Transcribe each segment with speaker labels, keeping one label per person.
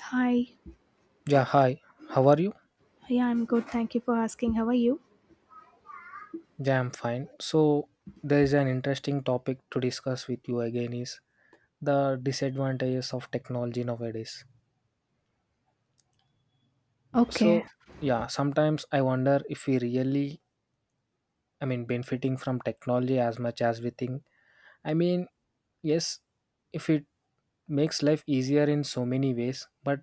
Speaker 1: Hi.
Speaker 2: Yeah, hi. How are you?
Speaker 1: Yeah, I'm good. Thank you for asking. How are you?
Speaker 2: Yeah, I'm fine. So, there is an interesting topic to discuss with you again is the disadvantages of technology nowadays.
Speaker 1: Okay.
Speaker 2: So, yeah, sometimes I wonder if we really benefiting from technology as much as we think. I mean, yes, if it makes life easier in so many ways, but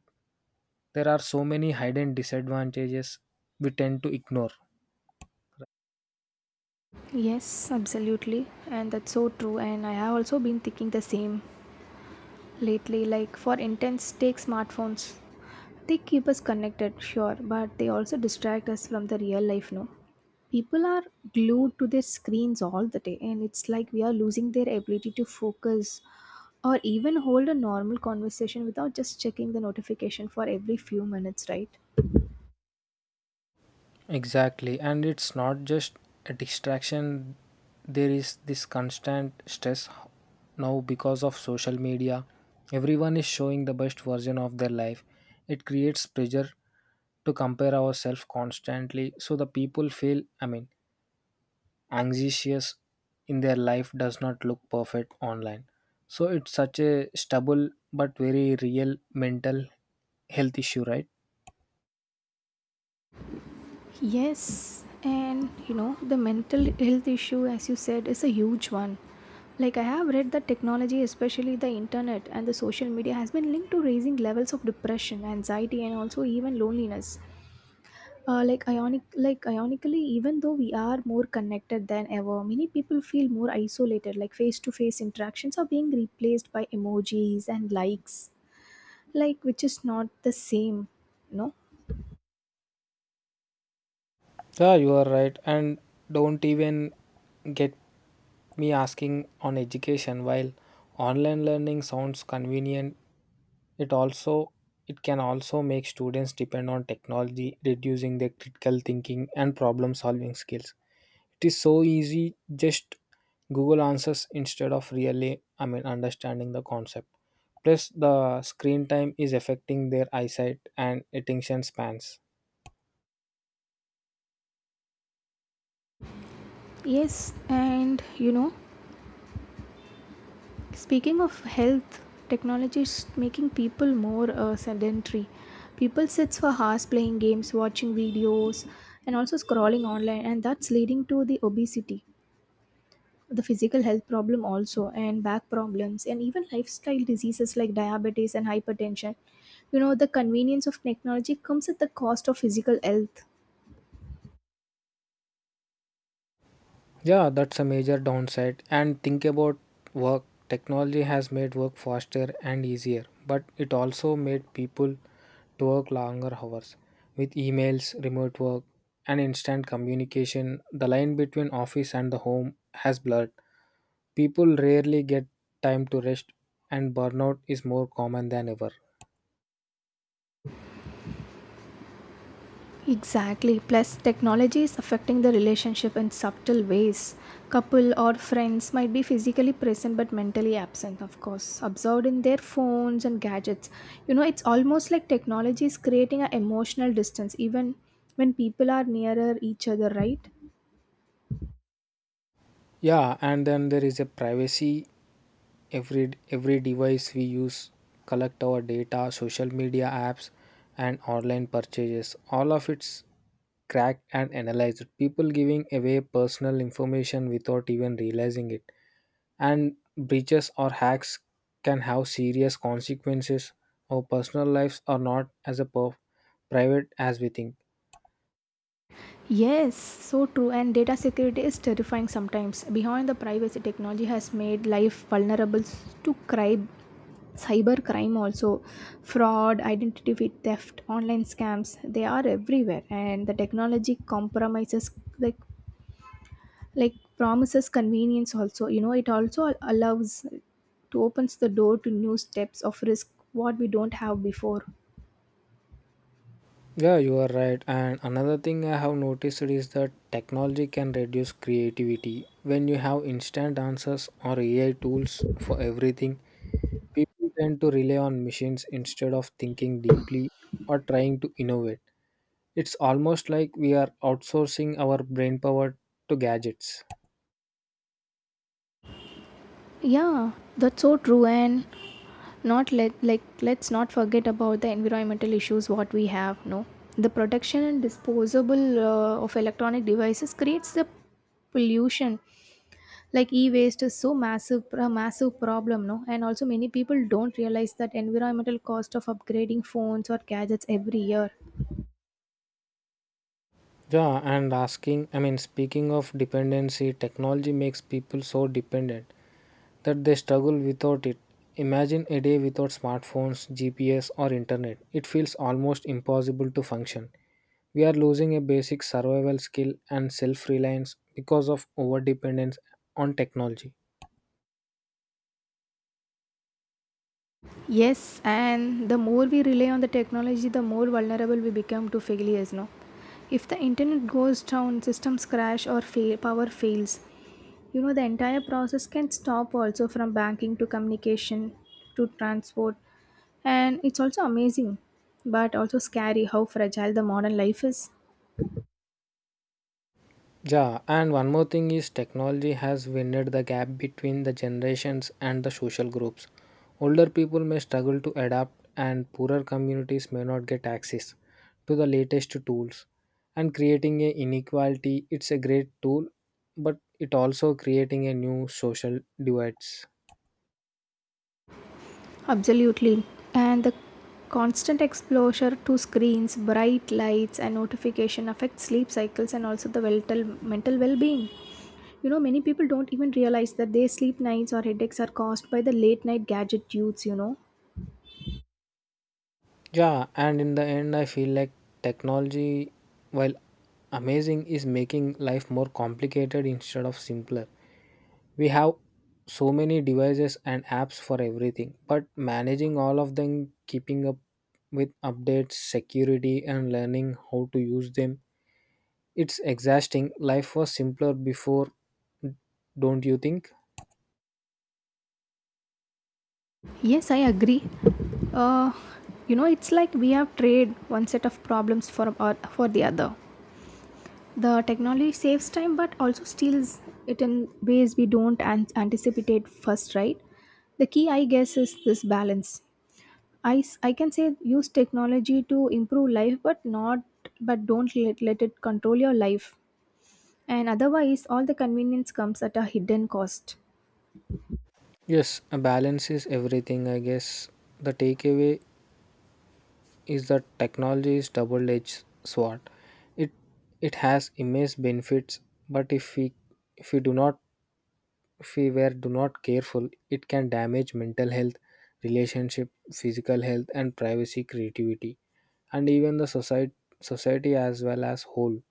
Speaker 2: there are so many hidden disadvantages we tend to ignore.
Speaker 1: Yes, absolutely. And that's so true. And I have also been thinking the same lately. Like, for intense take smartphones. They keep us connected, sure, but they also distract us from the real life, no? People are glued to their screens all the day, and it's like we are losing their ability to focus or even hold a normal conversation without just checking the notification for every few minutes, right?
Speaker 2: Exactly, and it's not just a distraction, there is this constant stress now because of social media. Everyone is showing the best version of their life. It creates pressure to compare ourselves constantly, so the people feel, anxious in their life does not look perfect online. So it's such a stubble but very real mental health issue, right?
Speaker 1: Yes, and you know, the mental health issue, as you said, is a huge one. Like, I have read that technology, especially the internet and the social media, has been linked to raising levels of depression, anxiety, and also even loneliness. Like ionic, like ionically, even though we are more connected than ever, many people feel more isolated. Like face-to-face interactions are being replaced by emojis and likes, like which is not the same, no?
Speaker 2: Yeah, you are right. And don't even get me asking on education while online learning sounds convenient it also it can also make students depend on technology reducing their critical thinking and problem solving skills. It is so easy just google answers instead of really, understanding the concept. Plus the screen time is affecting their eyesight and attention spans.
Speaker 1: Yes, and you know, speaking of health, technology is making people more sedentary. People sits for hours playing games, watching videos, and also scrolling online, and that's leading to the obesity, the physical health problem also, and back problems, and even lifestyle diseases like diabetes and hypertension. You know, the convenience of technology comes at the cost of physical health.
Speaker 2: Yeah, that's a major downside. And think about work. Technology has made work faster and easier, but it also made people to work longer hours. With emails, remote work, and instant communication, the line between office and the home has blurred. People rarely get time to rest, and burnout is more common than ever.
Speaker 1: Exactly. Plus, technology is affecting the relationship in subtle ways. Couple or friends might be physically present but mentally absent, of course, absorbed in their phones and gadgets. You know, it's almost like technology is creating an emotional distance even when people are nearer each other, right?
Speaker 2: Yeah, and then there is a privacy. Every device we use collect our data, social media apps and online purchases, all of it's cracked and analyzed. People giving away personal information without even realizing it, and breaches or hacks can have serious consequences. Our personal lives are not as private as we think.
Speaker 1: Yes, so true. And data security is terrifying sometimes. Behind the privacy, technology has made life vulnerable to crime, cyber crime also, fraud, identity theft, online scams. They are everywhere, and the technology compromises like like promises convenience also. You know, it also allows to opens the door to new steps of risk what we don't have before.
Speaker 2: Yeah, you are right. And another thing I have noticed is that technology can reduce creativity. When you have instant answers or AI tools for everything, people tend to rely on machines instead of thinking deeply or trying to innovate. It's almost like we are outsourcing our brain power to gadgets.
Speaker 1: Yeah, that's so true. And not let like let's not forget about the environmental issues what we have, no, the production and disposable of electronic devices creates the pollution, like e-waste is so massive problem, no, and also many people don't realize that environmental cost of upgrading phones or gadgets every year.
Speaker 2: Yeah, and asking, I mean, speaking of dependency, technology makes people so dependent that they struggle without it. Imagine a day without smartphones, GPS, or internet. It feels almost impossible to function. We are losing a basic survival skill and self reliance because of overdependence on technology.
Speaker 1: Yes, and the more we rely on the technology, the more vulnerable we become to failures. No, if the internet goes down, systems crash, or fail, power fails, you know the entire process can stop. Also, from banking to communication to transport, and it's also amazing, but also scary how fragile the modern life is.
Speaker 2: Yeah, and one more thing is technology has widened the gap between the generations and the social groups. Older people may struggle to adapt, and poorer communities may not get access to the latest tools. And creating a inequality, it's a great tool, but it also creating a new social divides.
Speaker 1: Absolutely. And the constant exposure to screens, bright lights, and notification affects sleep cycles and also the mental well-being. You know, many people don't even realize that their sleep nights or headaches are caused by the late night gadget use, you know.
Speaker 2: Yeah, and in the end, I feel like technology, while amazing, is making life more complicated instead of simpler. We have so many devices and apps for everything, but managing all of them, keeping up with updates, security, and learning how to use them, it's exhausting. Life was simpler before, don't you think?
Speaker 1: Yes, I agree. Uh, you know, it's like we have traded one set of problems for or for the other. The technology saves time but also steals it in ways we don't anticipate first, right? The key, I guess, is this balance. I can say use technology to improve life, but not but don't let it control your life, and otherwise all the convenience comes at a hidden cost.
Speaker 2: Yes, a balance is everything, I guess. The takeaway is that technology is double-edged sword. It it has immense benefits, but if we do not If we were do not careful, it can damage mental health, relationship, physical health, and privacy, creativity, and even society as well as whole.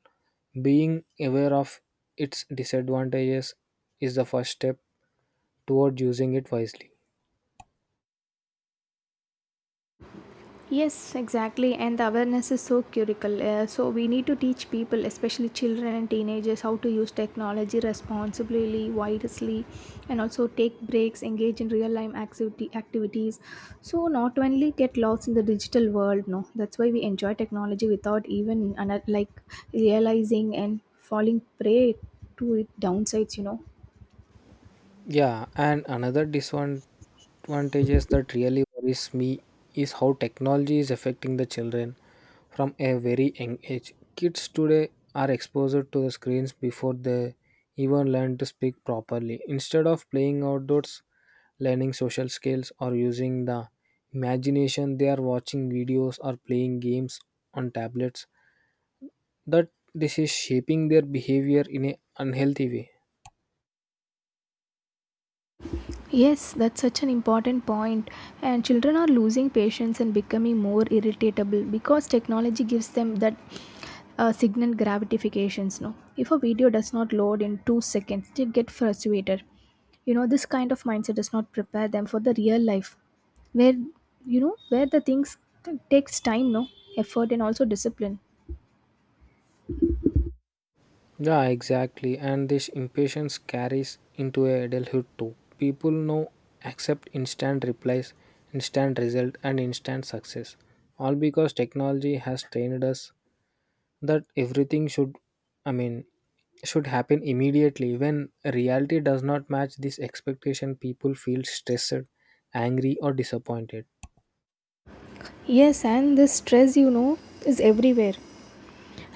Speaker 2: Being aware of its disadvantages is the first step toward using it wisely.
Speaker 1: Yes, exactly. And the awareness is so critical. So we need to teach people, especially children and teenagers, how to use technology responsibly, wisely, and also take breaks, engage in real-life activity activities. So not only get lost in the digital world. No, that's why we enjoy technology without even like realizing and falling prey to its downsides. You know.
Speaker 2: Yeah, and another disadvantages that really worries me is how technology is affecting the children from a very young age. Kids today are exposed to the screens before they even learn to speak properly. Instead of playing outdoors, learning social skills, or using the imagination, they are watching videos or playing games on tablets. That this is shaping their behavior in a unhealthy way.
Speaker 1: Yes, that's such an important point. And children are losing patience and becoming more irritable because technology gives them that signal gratifications. No, if a video does not load in 2 seconds, they get frustrated. You know, this kind of mindset does not prepare them for the real life, where you know where the things takes time, no, effort, and also discipline.
Speaker 2: Yeah, exactly. And this impatience carries into adulthood too. People now accept instant replies, instant result, and instant success. All because technology has trained us that everything should, I mean, should happen immediately. When reality does not match this expectation, people feel stressed, angry, or disappointed.
Speaker 1: Yes, and this stress, you know, is everywhere.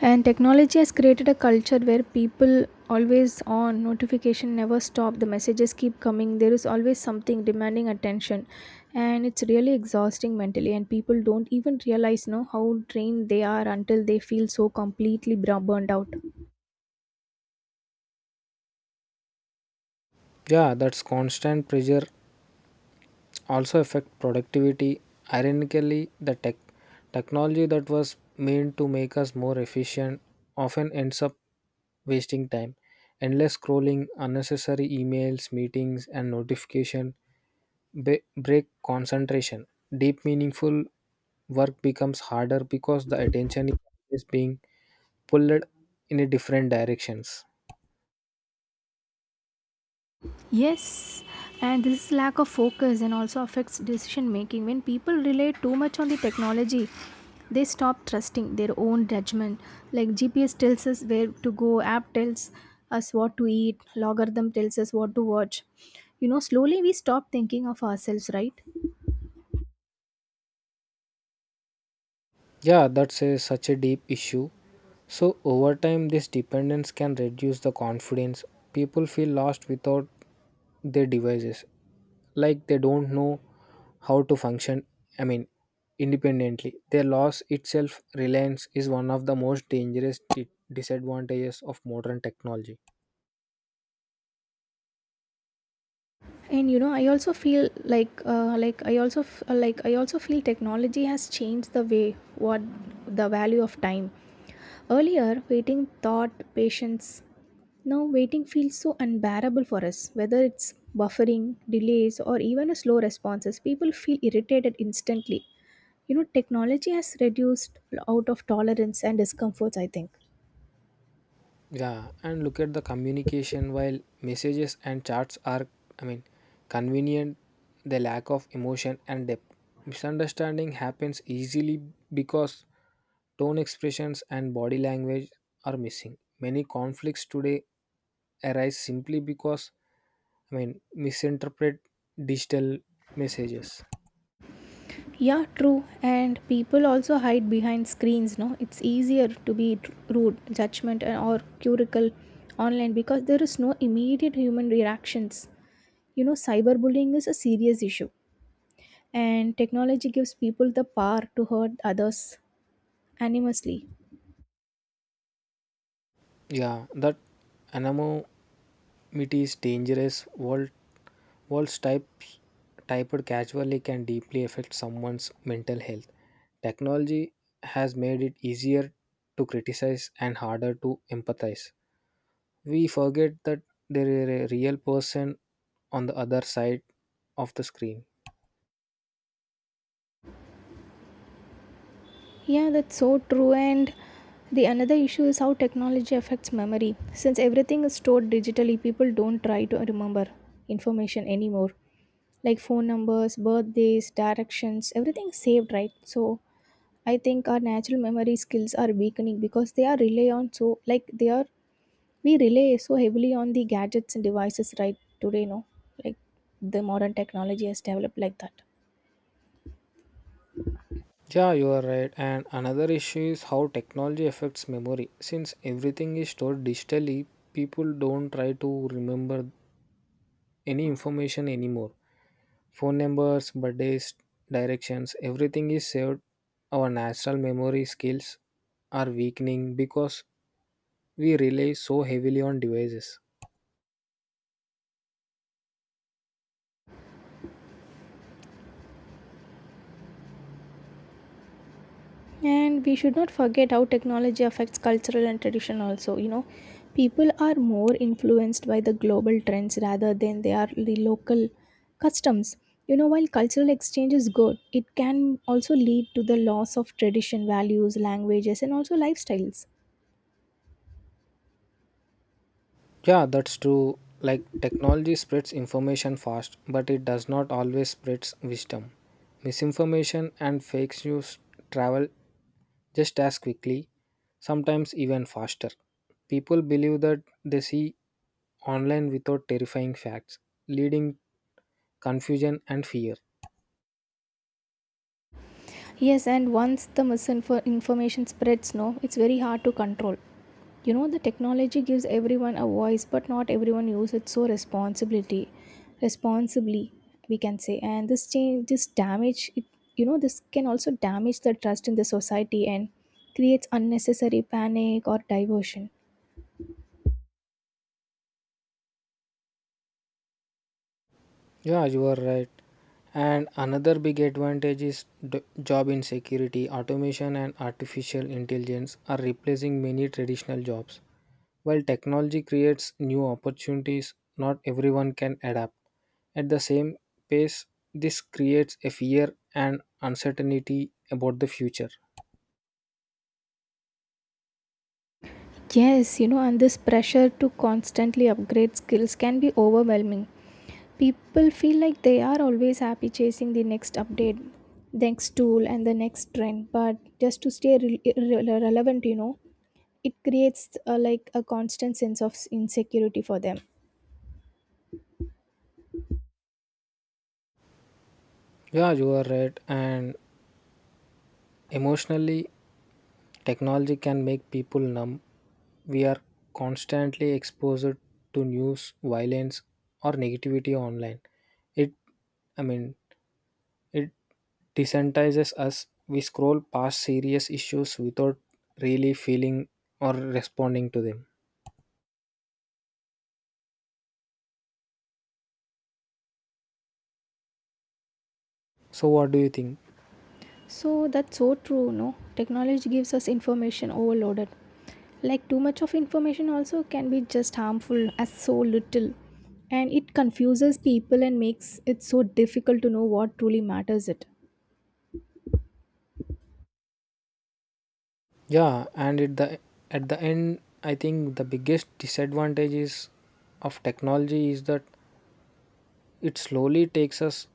Speaker 1: And technology has created a culture where people always on notification, never stop, the messages keep coming, there is always something demanding attention. And it's really exhausting mentally, and people don't even realize, no, how drained they are until they feel so completely burned out.
Speaker 2: Yeah, that's constant pressure also affect productivity. Ironically, the technology that was meant to make us more efficient often ends up wasting time. Endless scrolling, unnecessary emails, meetings, and notification break concentration. Deep, meaningful work becomes harder because the attention is always being pulled in a different directions.
Speaker 1: Yes, and this lack of focus and also affects decision making. When people rely too much on the technology, they stop trusting their own judgment. Like GPS tells us where to go, app tells us what to eat, logarithm tells us what to watch. You know, slowly we stop thinking of ourselves, right?
Speaker 2: Such a deep issue. So, over time, this dependence can reduce the confidence. People feel lost without their devices, like they don't know how to function, I mean, independently. Their loss itself, reliance, is one of the most dangerous disadvantages of modern technology.
Speaker 1: And you know, I also feel like like I also feel technology has changed the way what the value of time. Earlier, waiting thought patience. Now waiting feels so unbearable for us, whether it's buffering delays or even a slow responses, people feel irritated instantly. You know, technology has reduced out of tolerance and discomforts, I think.
Speaker 2: Yeah, and look at the communication while messages and chats are, I mean, convenient, the lack of emotion and depth. Misunderstanding happens easily because tone expressions and body language are missing. Many conflicts today arise simply because, misinterpret digital messages.
Speaker 1: Yeah, true. And people also hide behind screens, no? It's easier to be rude, judgment, or curical online because there is no immediate human reactions. You know, cyberbullying is a serious issue, and technology gives people the power to hurt others anonymously.
Speaker 2: Yeah, that anonymity is dangerous world. Walls types typed casually can deeply affect someone's mental health. Technology has made it easier to criticize and harder to empathize. We forget that there is a real person on the other side of the screen.
Speaker 1: Yeah, that's so true. And the another issue is how technology affects memory. Since everything is stored digitally, people don't try to remember information anymore. Like phone numbers, birthdays, directions, everything saved, right? So I think our natural memory skills are weakening because they are rely on so like they are we rely so heavily on the gadgets and devices right today, no? Like the modern technology has developed like that.
Speaker 2: Yeah, you are right. And another issue is how technology affects memory. Since everything is stored digitally, people don't try to remember any information anymore. Phone numbers, birthdays, directions, everything is saved. Our natural memory skills are weakening because we rely so heavily on devices.
Speaker 1: And we should not forget how technology affects cultural and tradition also. You know, people are more influenced by the global trends rather than they are the local customs. You know, while cultural exchange is good, it can also lead to the loss of tradition, values, languages, and also lifestyles.
Speaker 2: Yeah, that's true. Like technology spreads information fast, but it does not always spreads wisdom. Misinformation and fake news travel just as quickly, sometimes even faster. People believe that they see online without terrifying facts, leading confusion and fear.
Speaker 1: Yes, and once the misinformation spreads, no, it's very hard to control. You know, the technology gives everyone a voice, but not everyone uses it so responsibly, we can say. And this change, this damage, it, you know, this can also damage the trust in the society and creates unnecessary panic or diversion.
Speaker 2: Yeah, you are right. And another big advantage is job insecurity. Automation and artificial intelligence are replacing many traditional jobs. While technology creates new opportunities, not everyone can adapt. At the same pace, this creates a fear and uncertainty about the future.
Speaker 1: Yes, you know, and this pressure to constantly upgrade skills can be overwhelming. People feel like they are always happy chasing the next update, next tool, and the next trend. But just to stay relevant, you know, it creates a like a constant sense of insecurity for them.
Speaker 2: Yeah, you are right. And emotionally, technology can make people numb. We are constantly exposed to news, violence, or negativity online. It, I mean, it desensitizes us. We scroll past serious issues without really feeling or responding to them. So, what do you think?
Speaker 1: So that's so true, no? Technology gives us information overloaded. Like too much of information also can be just harmful as so little. And it confuses people and makes it so difficult to know what truly matters it.
Speaker 2: Yeah, and at the end, I think the biggest disadvantages of technology is that it slowly takes us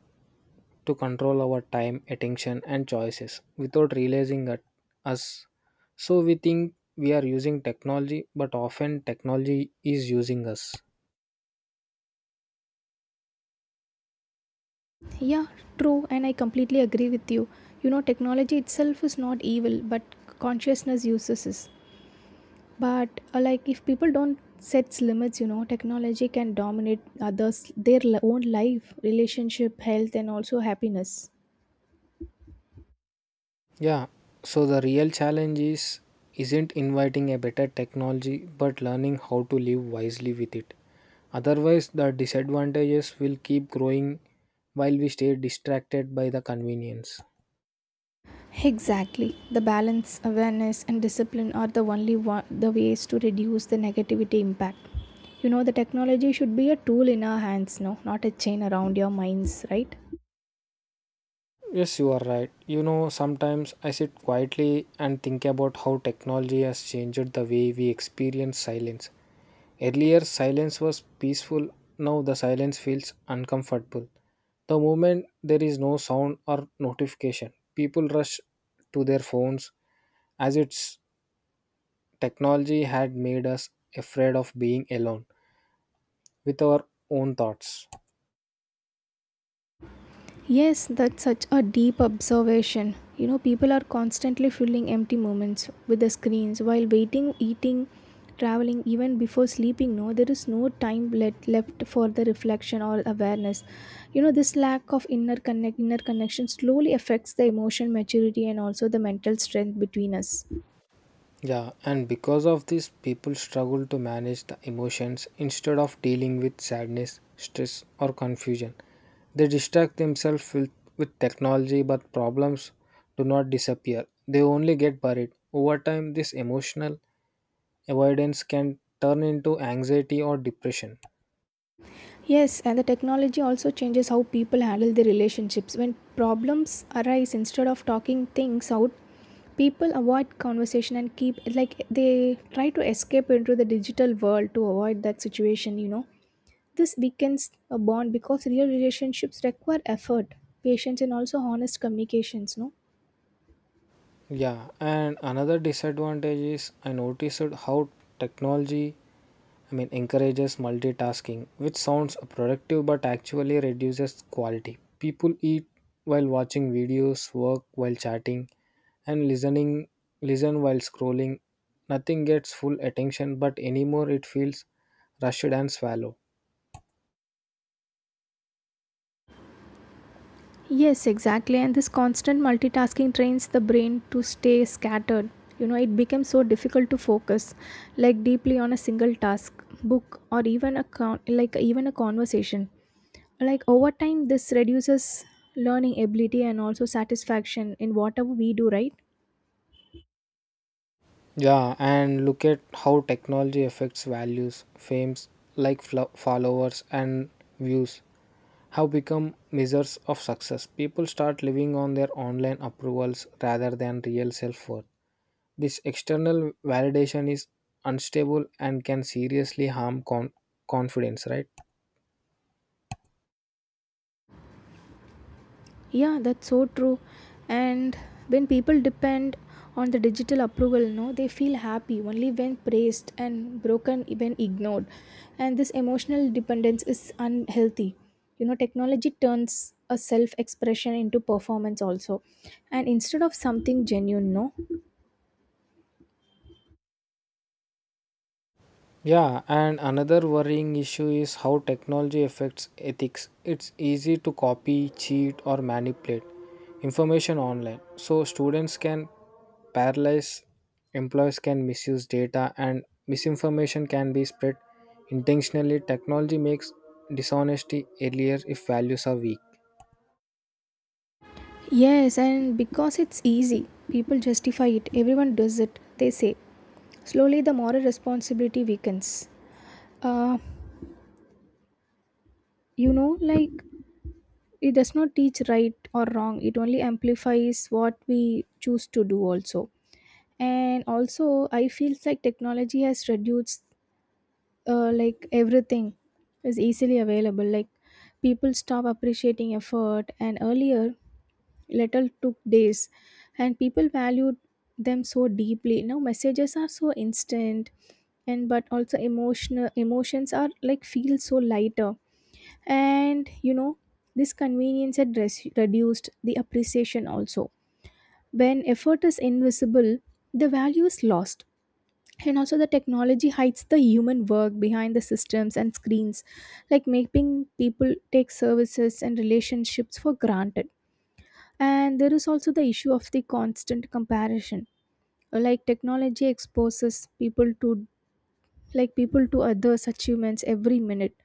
Speaker 2: to control our time, attention, and choices without realizing it, us. So we think we are using technology, but often technology is using us.
Speaker 1: Yeah, true, and I completely agree with you. You know, technology itself is not evil, but consciousness uses it. But like if people don't sets limits, you know, technology can dominate others their own life, relationship, health and also happiness.
Speaker 2: Yeah, so the real challenge is isn't inviting a better technology but learning how to live wisely with it. Otherwise, the disadvantages will keep growing while we stay distracted by the convenience.
Speaker 1: Exactly. The balance, awareness, and discipline are the only the ways to reduce the negativity impact. You know, the technology should be a tool in our hands, no, not a chain around your minds, right?
Speaker 2: Yes, you are right. You know, sometimes I sit quietly and think about how technology has changed the way we experience silence. Earlier, silence was peaceful, now the silence feels uncomfortable. The moment there is no sound or notification, people rush to their phones as its technology had made us afraid of being alone with our own thoughts.
Speaker 1: Yes, that's such a deep observation. You know, people are constantly filling empty moments with the screens while waiting, eating, traveling, even before sleeping. No, there is no time left for the reflection or awareness. You know, this lack of inner connection slowly affects the emotional maturity and also the mental strength between us.
Speaker 2: Yeah, and because of this, people struggle to manage the emotions instead of dealing with sadness, stress, or confusion. They distract themselves with technology, but problems do not disappear. They only get buried. Over time, this emotional avoidance can turn into anxiety or depression.
Speaker 1: Yes, and the technology also changes how people handle their relationships. When problems arise, instead of talking things out, people avoid conversation and keep like they try to escape into the digital world to avoid that situation, you know. This weakens a bond because real relationships require effort, patience, and also honest communications, no?
Speaker 2: Yeah, and another disadvantage is I noticed how technology, encourages multitasking, which sounds productive but actually reduces quality. People eat while watching videos, work while chatting, and listen while scrolling. Nothing gets full attention, but anymore it feels rushed and shallow.
Speaker 1: Yes, exactly. And this constant multitasking trains the brain to stay scattered. You know, it becomes so difficult to focus like deeply on a single task, book or even a like even a conversation. Like over time this reduces learning ability and also satisfaction in whatever we do, right?
Speaker 2: Yeah, and look at how technology affects values, fames like followers and views have become measures of success. People start living on their online approvals rather than real self worth. This external validation is unstable and can seriously harm confidence, right?
Speaker 1: Yeah, that's so true. And when people depend on the digital approval, no, they feel happy only when praised and broken when ignored. And this emotional dependence is unhealthy. You know, technology turns a self expression into performance also. And instead of something genuine, no?
Speaker 2: Yeah, and another worrying issue is how technology affects ethics. It's easy to copy, cheat, or manipulate information online. So, students can paralyze, employees can misuse data, and misinformation can be spread intentionally. Technology makes dishonesty earlier if values are weak.
Speaker 1: Yes, and because it's easy, people justify it. Everyone does it, they say. Slowly, the moral responsibility weakens. Uh, you know, like it does not teach right or wrong, it only amplifies what we choose to do. Also, I feel like technology has reduced, everything is easily available. Like, people stop appreciating effort, and earlier little took days and people valued them so deeply. Now messages are so instant, and but also emotional emotions are like feel so lighter. And this convenience had reduced the appreciation also. When effort is invisible, the value is lost. And also, the technology hides the human work behind the systems and screens, like making people take services and relationships for granted. And there is also the issue of the constant comparison. Like, technology exposes people to others' achievements every minute.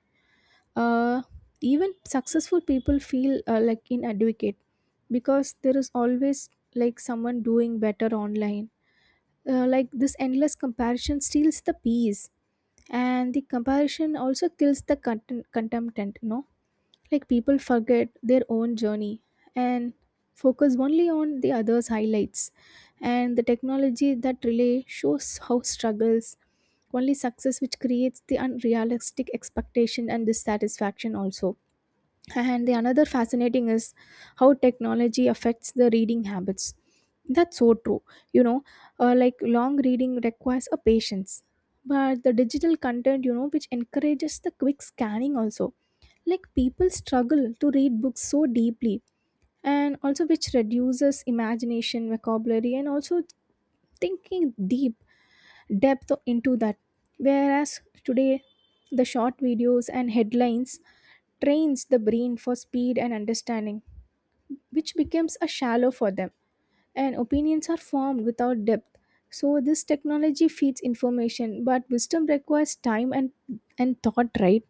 Speaker 1: uh, Even successful people feel like inadequate, because there is always like someone doing better online. This endless comparison steals the peace. And the comparison also kills the contentment, you know. Like, people forget their own journey and focus only on the others' highlights. And the technology that relay shows how struggles, only success, which creates the unrealistic expectation and dissatisfaction also. And the another fascinating is how technology affects the reading habits. That's so true, you know. Long reading requires a patience, but the digital content, you know, which encourages the quick scanning also. Like, people struggle to read books so deeply. And also, which reduces imagination, vocabulary, and also thinking deep depth into that. Whereas today, the short videos and headlines trains the brain for speed and understanding, which becomes a shallow for them, and opinions are formed without depth. So this technology feeds information, but wisdom requires time and thought, right?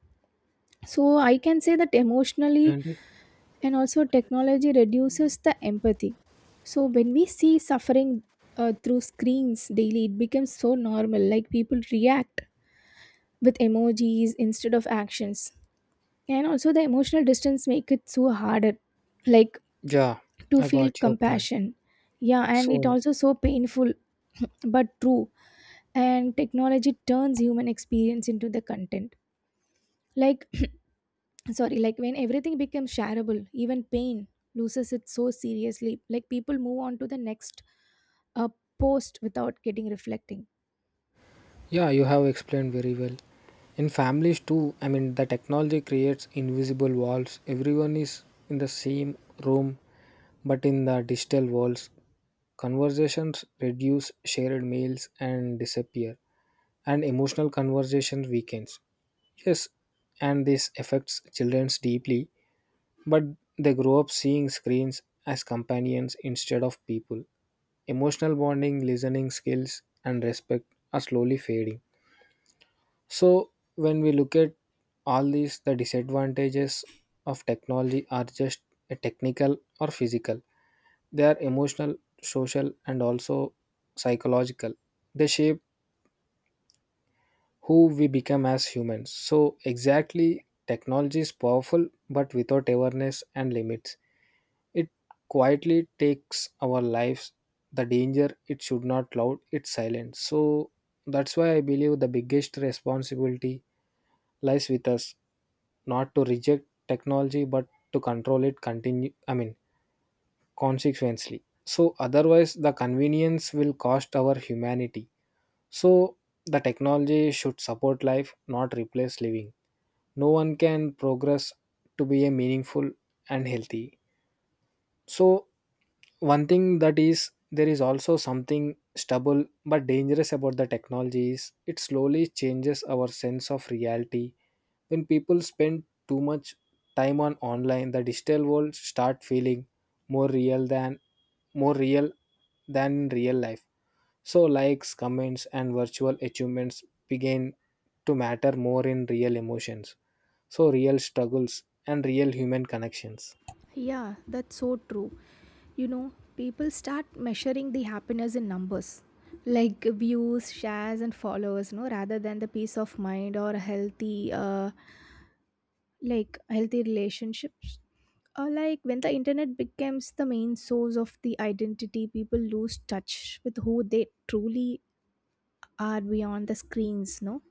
Speaker 1: So I can say that emotionally
Speaker 2: And
Speaker 1: and also technology reduces the empathy. So when we see suffering through screens daily, it becomes so normal. Like, people react with emojis instead of actions. And also, the emotional distance make it so harder, like
Speaker 2: yeah,
Speaker 1: to
Speaker 2: I
Speaker 1: feel
Speaker 2: got your point.
Speaker 1: compassion. Yeah, and it
Speaker 2: So,
Speaker 1: also so painful, but true. And technology turns human experience into the content. Like, sorry, like when everything becomes shareable, even pain loses it so seriously. Like, people move on to the next uh, post without getting reflecting.
Speaker 2: yeah, you have explained very well. In families too, the technology creates invisible walls. Everyone is in the same room, but in the digital walls, conversations reduce, shared meals and disappear, and emotional conversation weakens. Yes, and this affects children deeply, but they grow up seeing screens as companions instead of people. Emotional bonding, listening skills, and respect are slowly fading. So when we look at all these, the disadvantages of technology are just a technical or physical. They are emotional, social, and also psychological. They shape who we become as humans. So exactly, technology is powerful, but without awareness and limits, it quietly takes our lives. The danger it should not loud, it's silent. So that's why I believe the biggest responsibility lies with us not to reject technology but to control it continue I mean consequently. So otherwise the convenience will cost our humanity. So the technology should support life, not replace living. No one can progress to be a meaningful and healthy. So one thing that is there is also something stubble but dangerous about the technology is it slowly changes our sense of reality. When people spend too much time on online, the digital world start feeling more real than more real than in real life. So likes, comments and virtual achievements begin to matter more in real emotions. So real struggles and real human connections.
Speaker 1: Yeah, that's so true. You know, people start measuring the happiness in numbers, like views, shares, and followers, no, rather than the peace of mind or healthy, healthy relationships. Or like when the internet becomes the main source of the identity, people lose touch with who they truly are beyond the screens, no?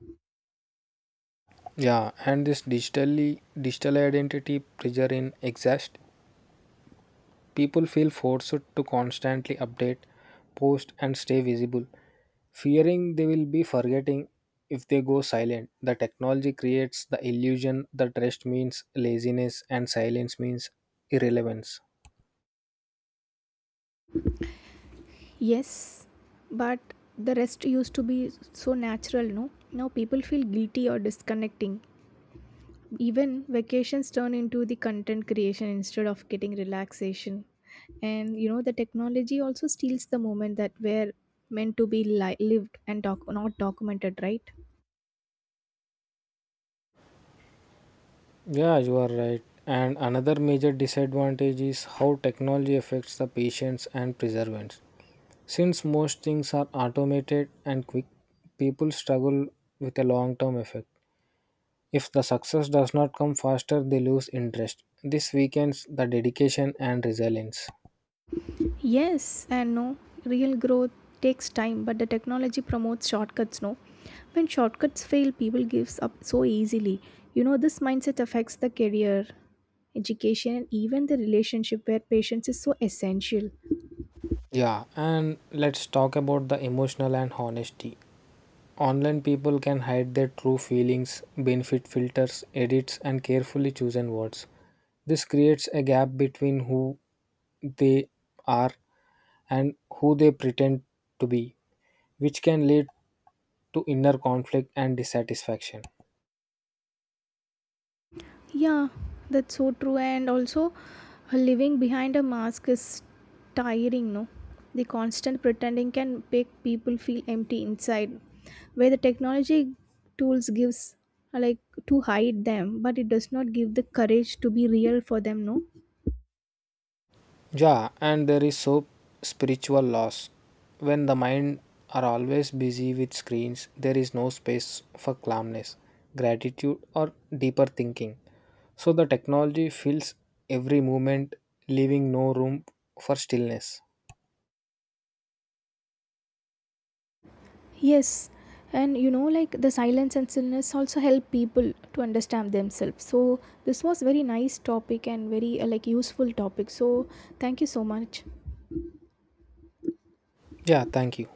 Speaker 2: Yeah, and this digital identity pressure in exist, people feel forced to constantly update, post and stay visible, fearing they will be forgetting if they go silent. The technology creates the illusion that rest means laziness and silence means irrelevance.
Speaker 1: Yes, but the rest used to be so natural, no, now people feel guilty or disconnecting. Even vacations turn into the content creation instead of getting relaxation. And you know, the technology also steals the moment that were meant to be lived and not documented, right?
Speaker 2: Yeah, you are right. And another major disadvantage is how technology affects the patience and perseverance. Since most things are automated and quick, people struggle with a long term effect. If the success does not come faster, they lose interest. This weakens the dedication and resilience.
Speaker 1: Yes and no. Real growth takes time, but the technology promotes shortcuts, no? When shortcuts fail, people gives up so easily. You know, this mindset affects the career, education, and even the relationship where patience is so essential.
Speaker 2: Yeah, and let's talk about the emotional and honesty. Online people can hide their true feelings, benefit filters, edits, and carefully chosen words. This creates a gap between who they are and who they pretend to be, which can lead to inner conflict and dissatisfaction.
Speaker 1: Yeah, that's so true. And also, living behind a mask is tiring, no? The constant pretending can make people feel empty inside, where the technology tools gives uh, like to hide them, but it does not give the courage to be real for them, no?
Speaker 2: Yeah, and there is so spiritual loss. When the mind are always busy with screens, there is no space for calmness, gratitude, or deeper thinking. So the technology fills every moment, leaving no room for stillness.
Speaker 1: Yes, and you know, like the silence and stillness also help people to understand themselves. So this was very nice topic and very useful topic. So thank you so much.
Speaker 2: Yeah, thank you.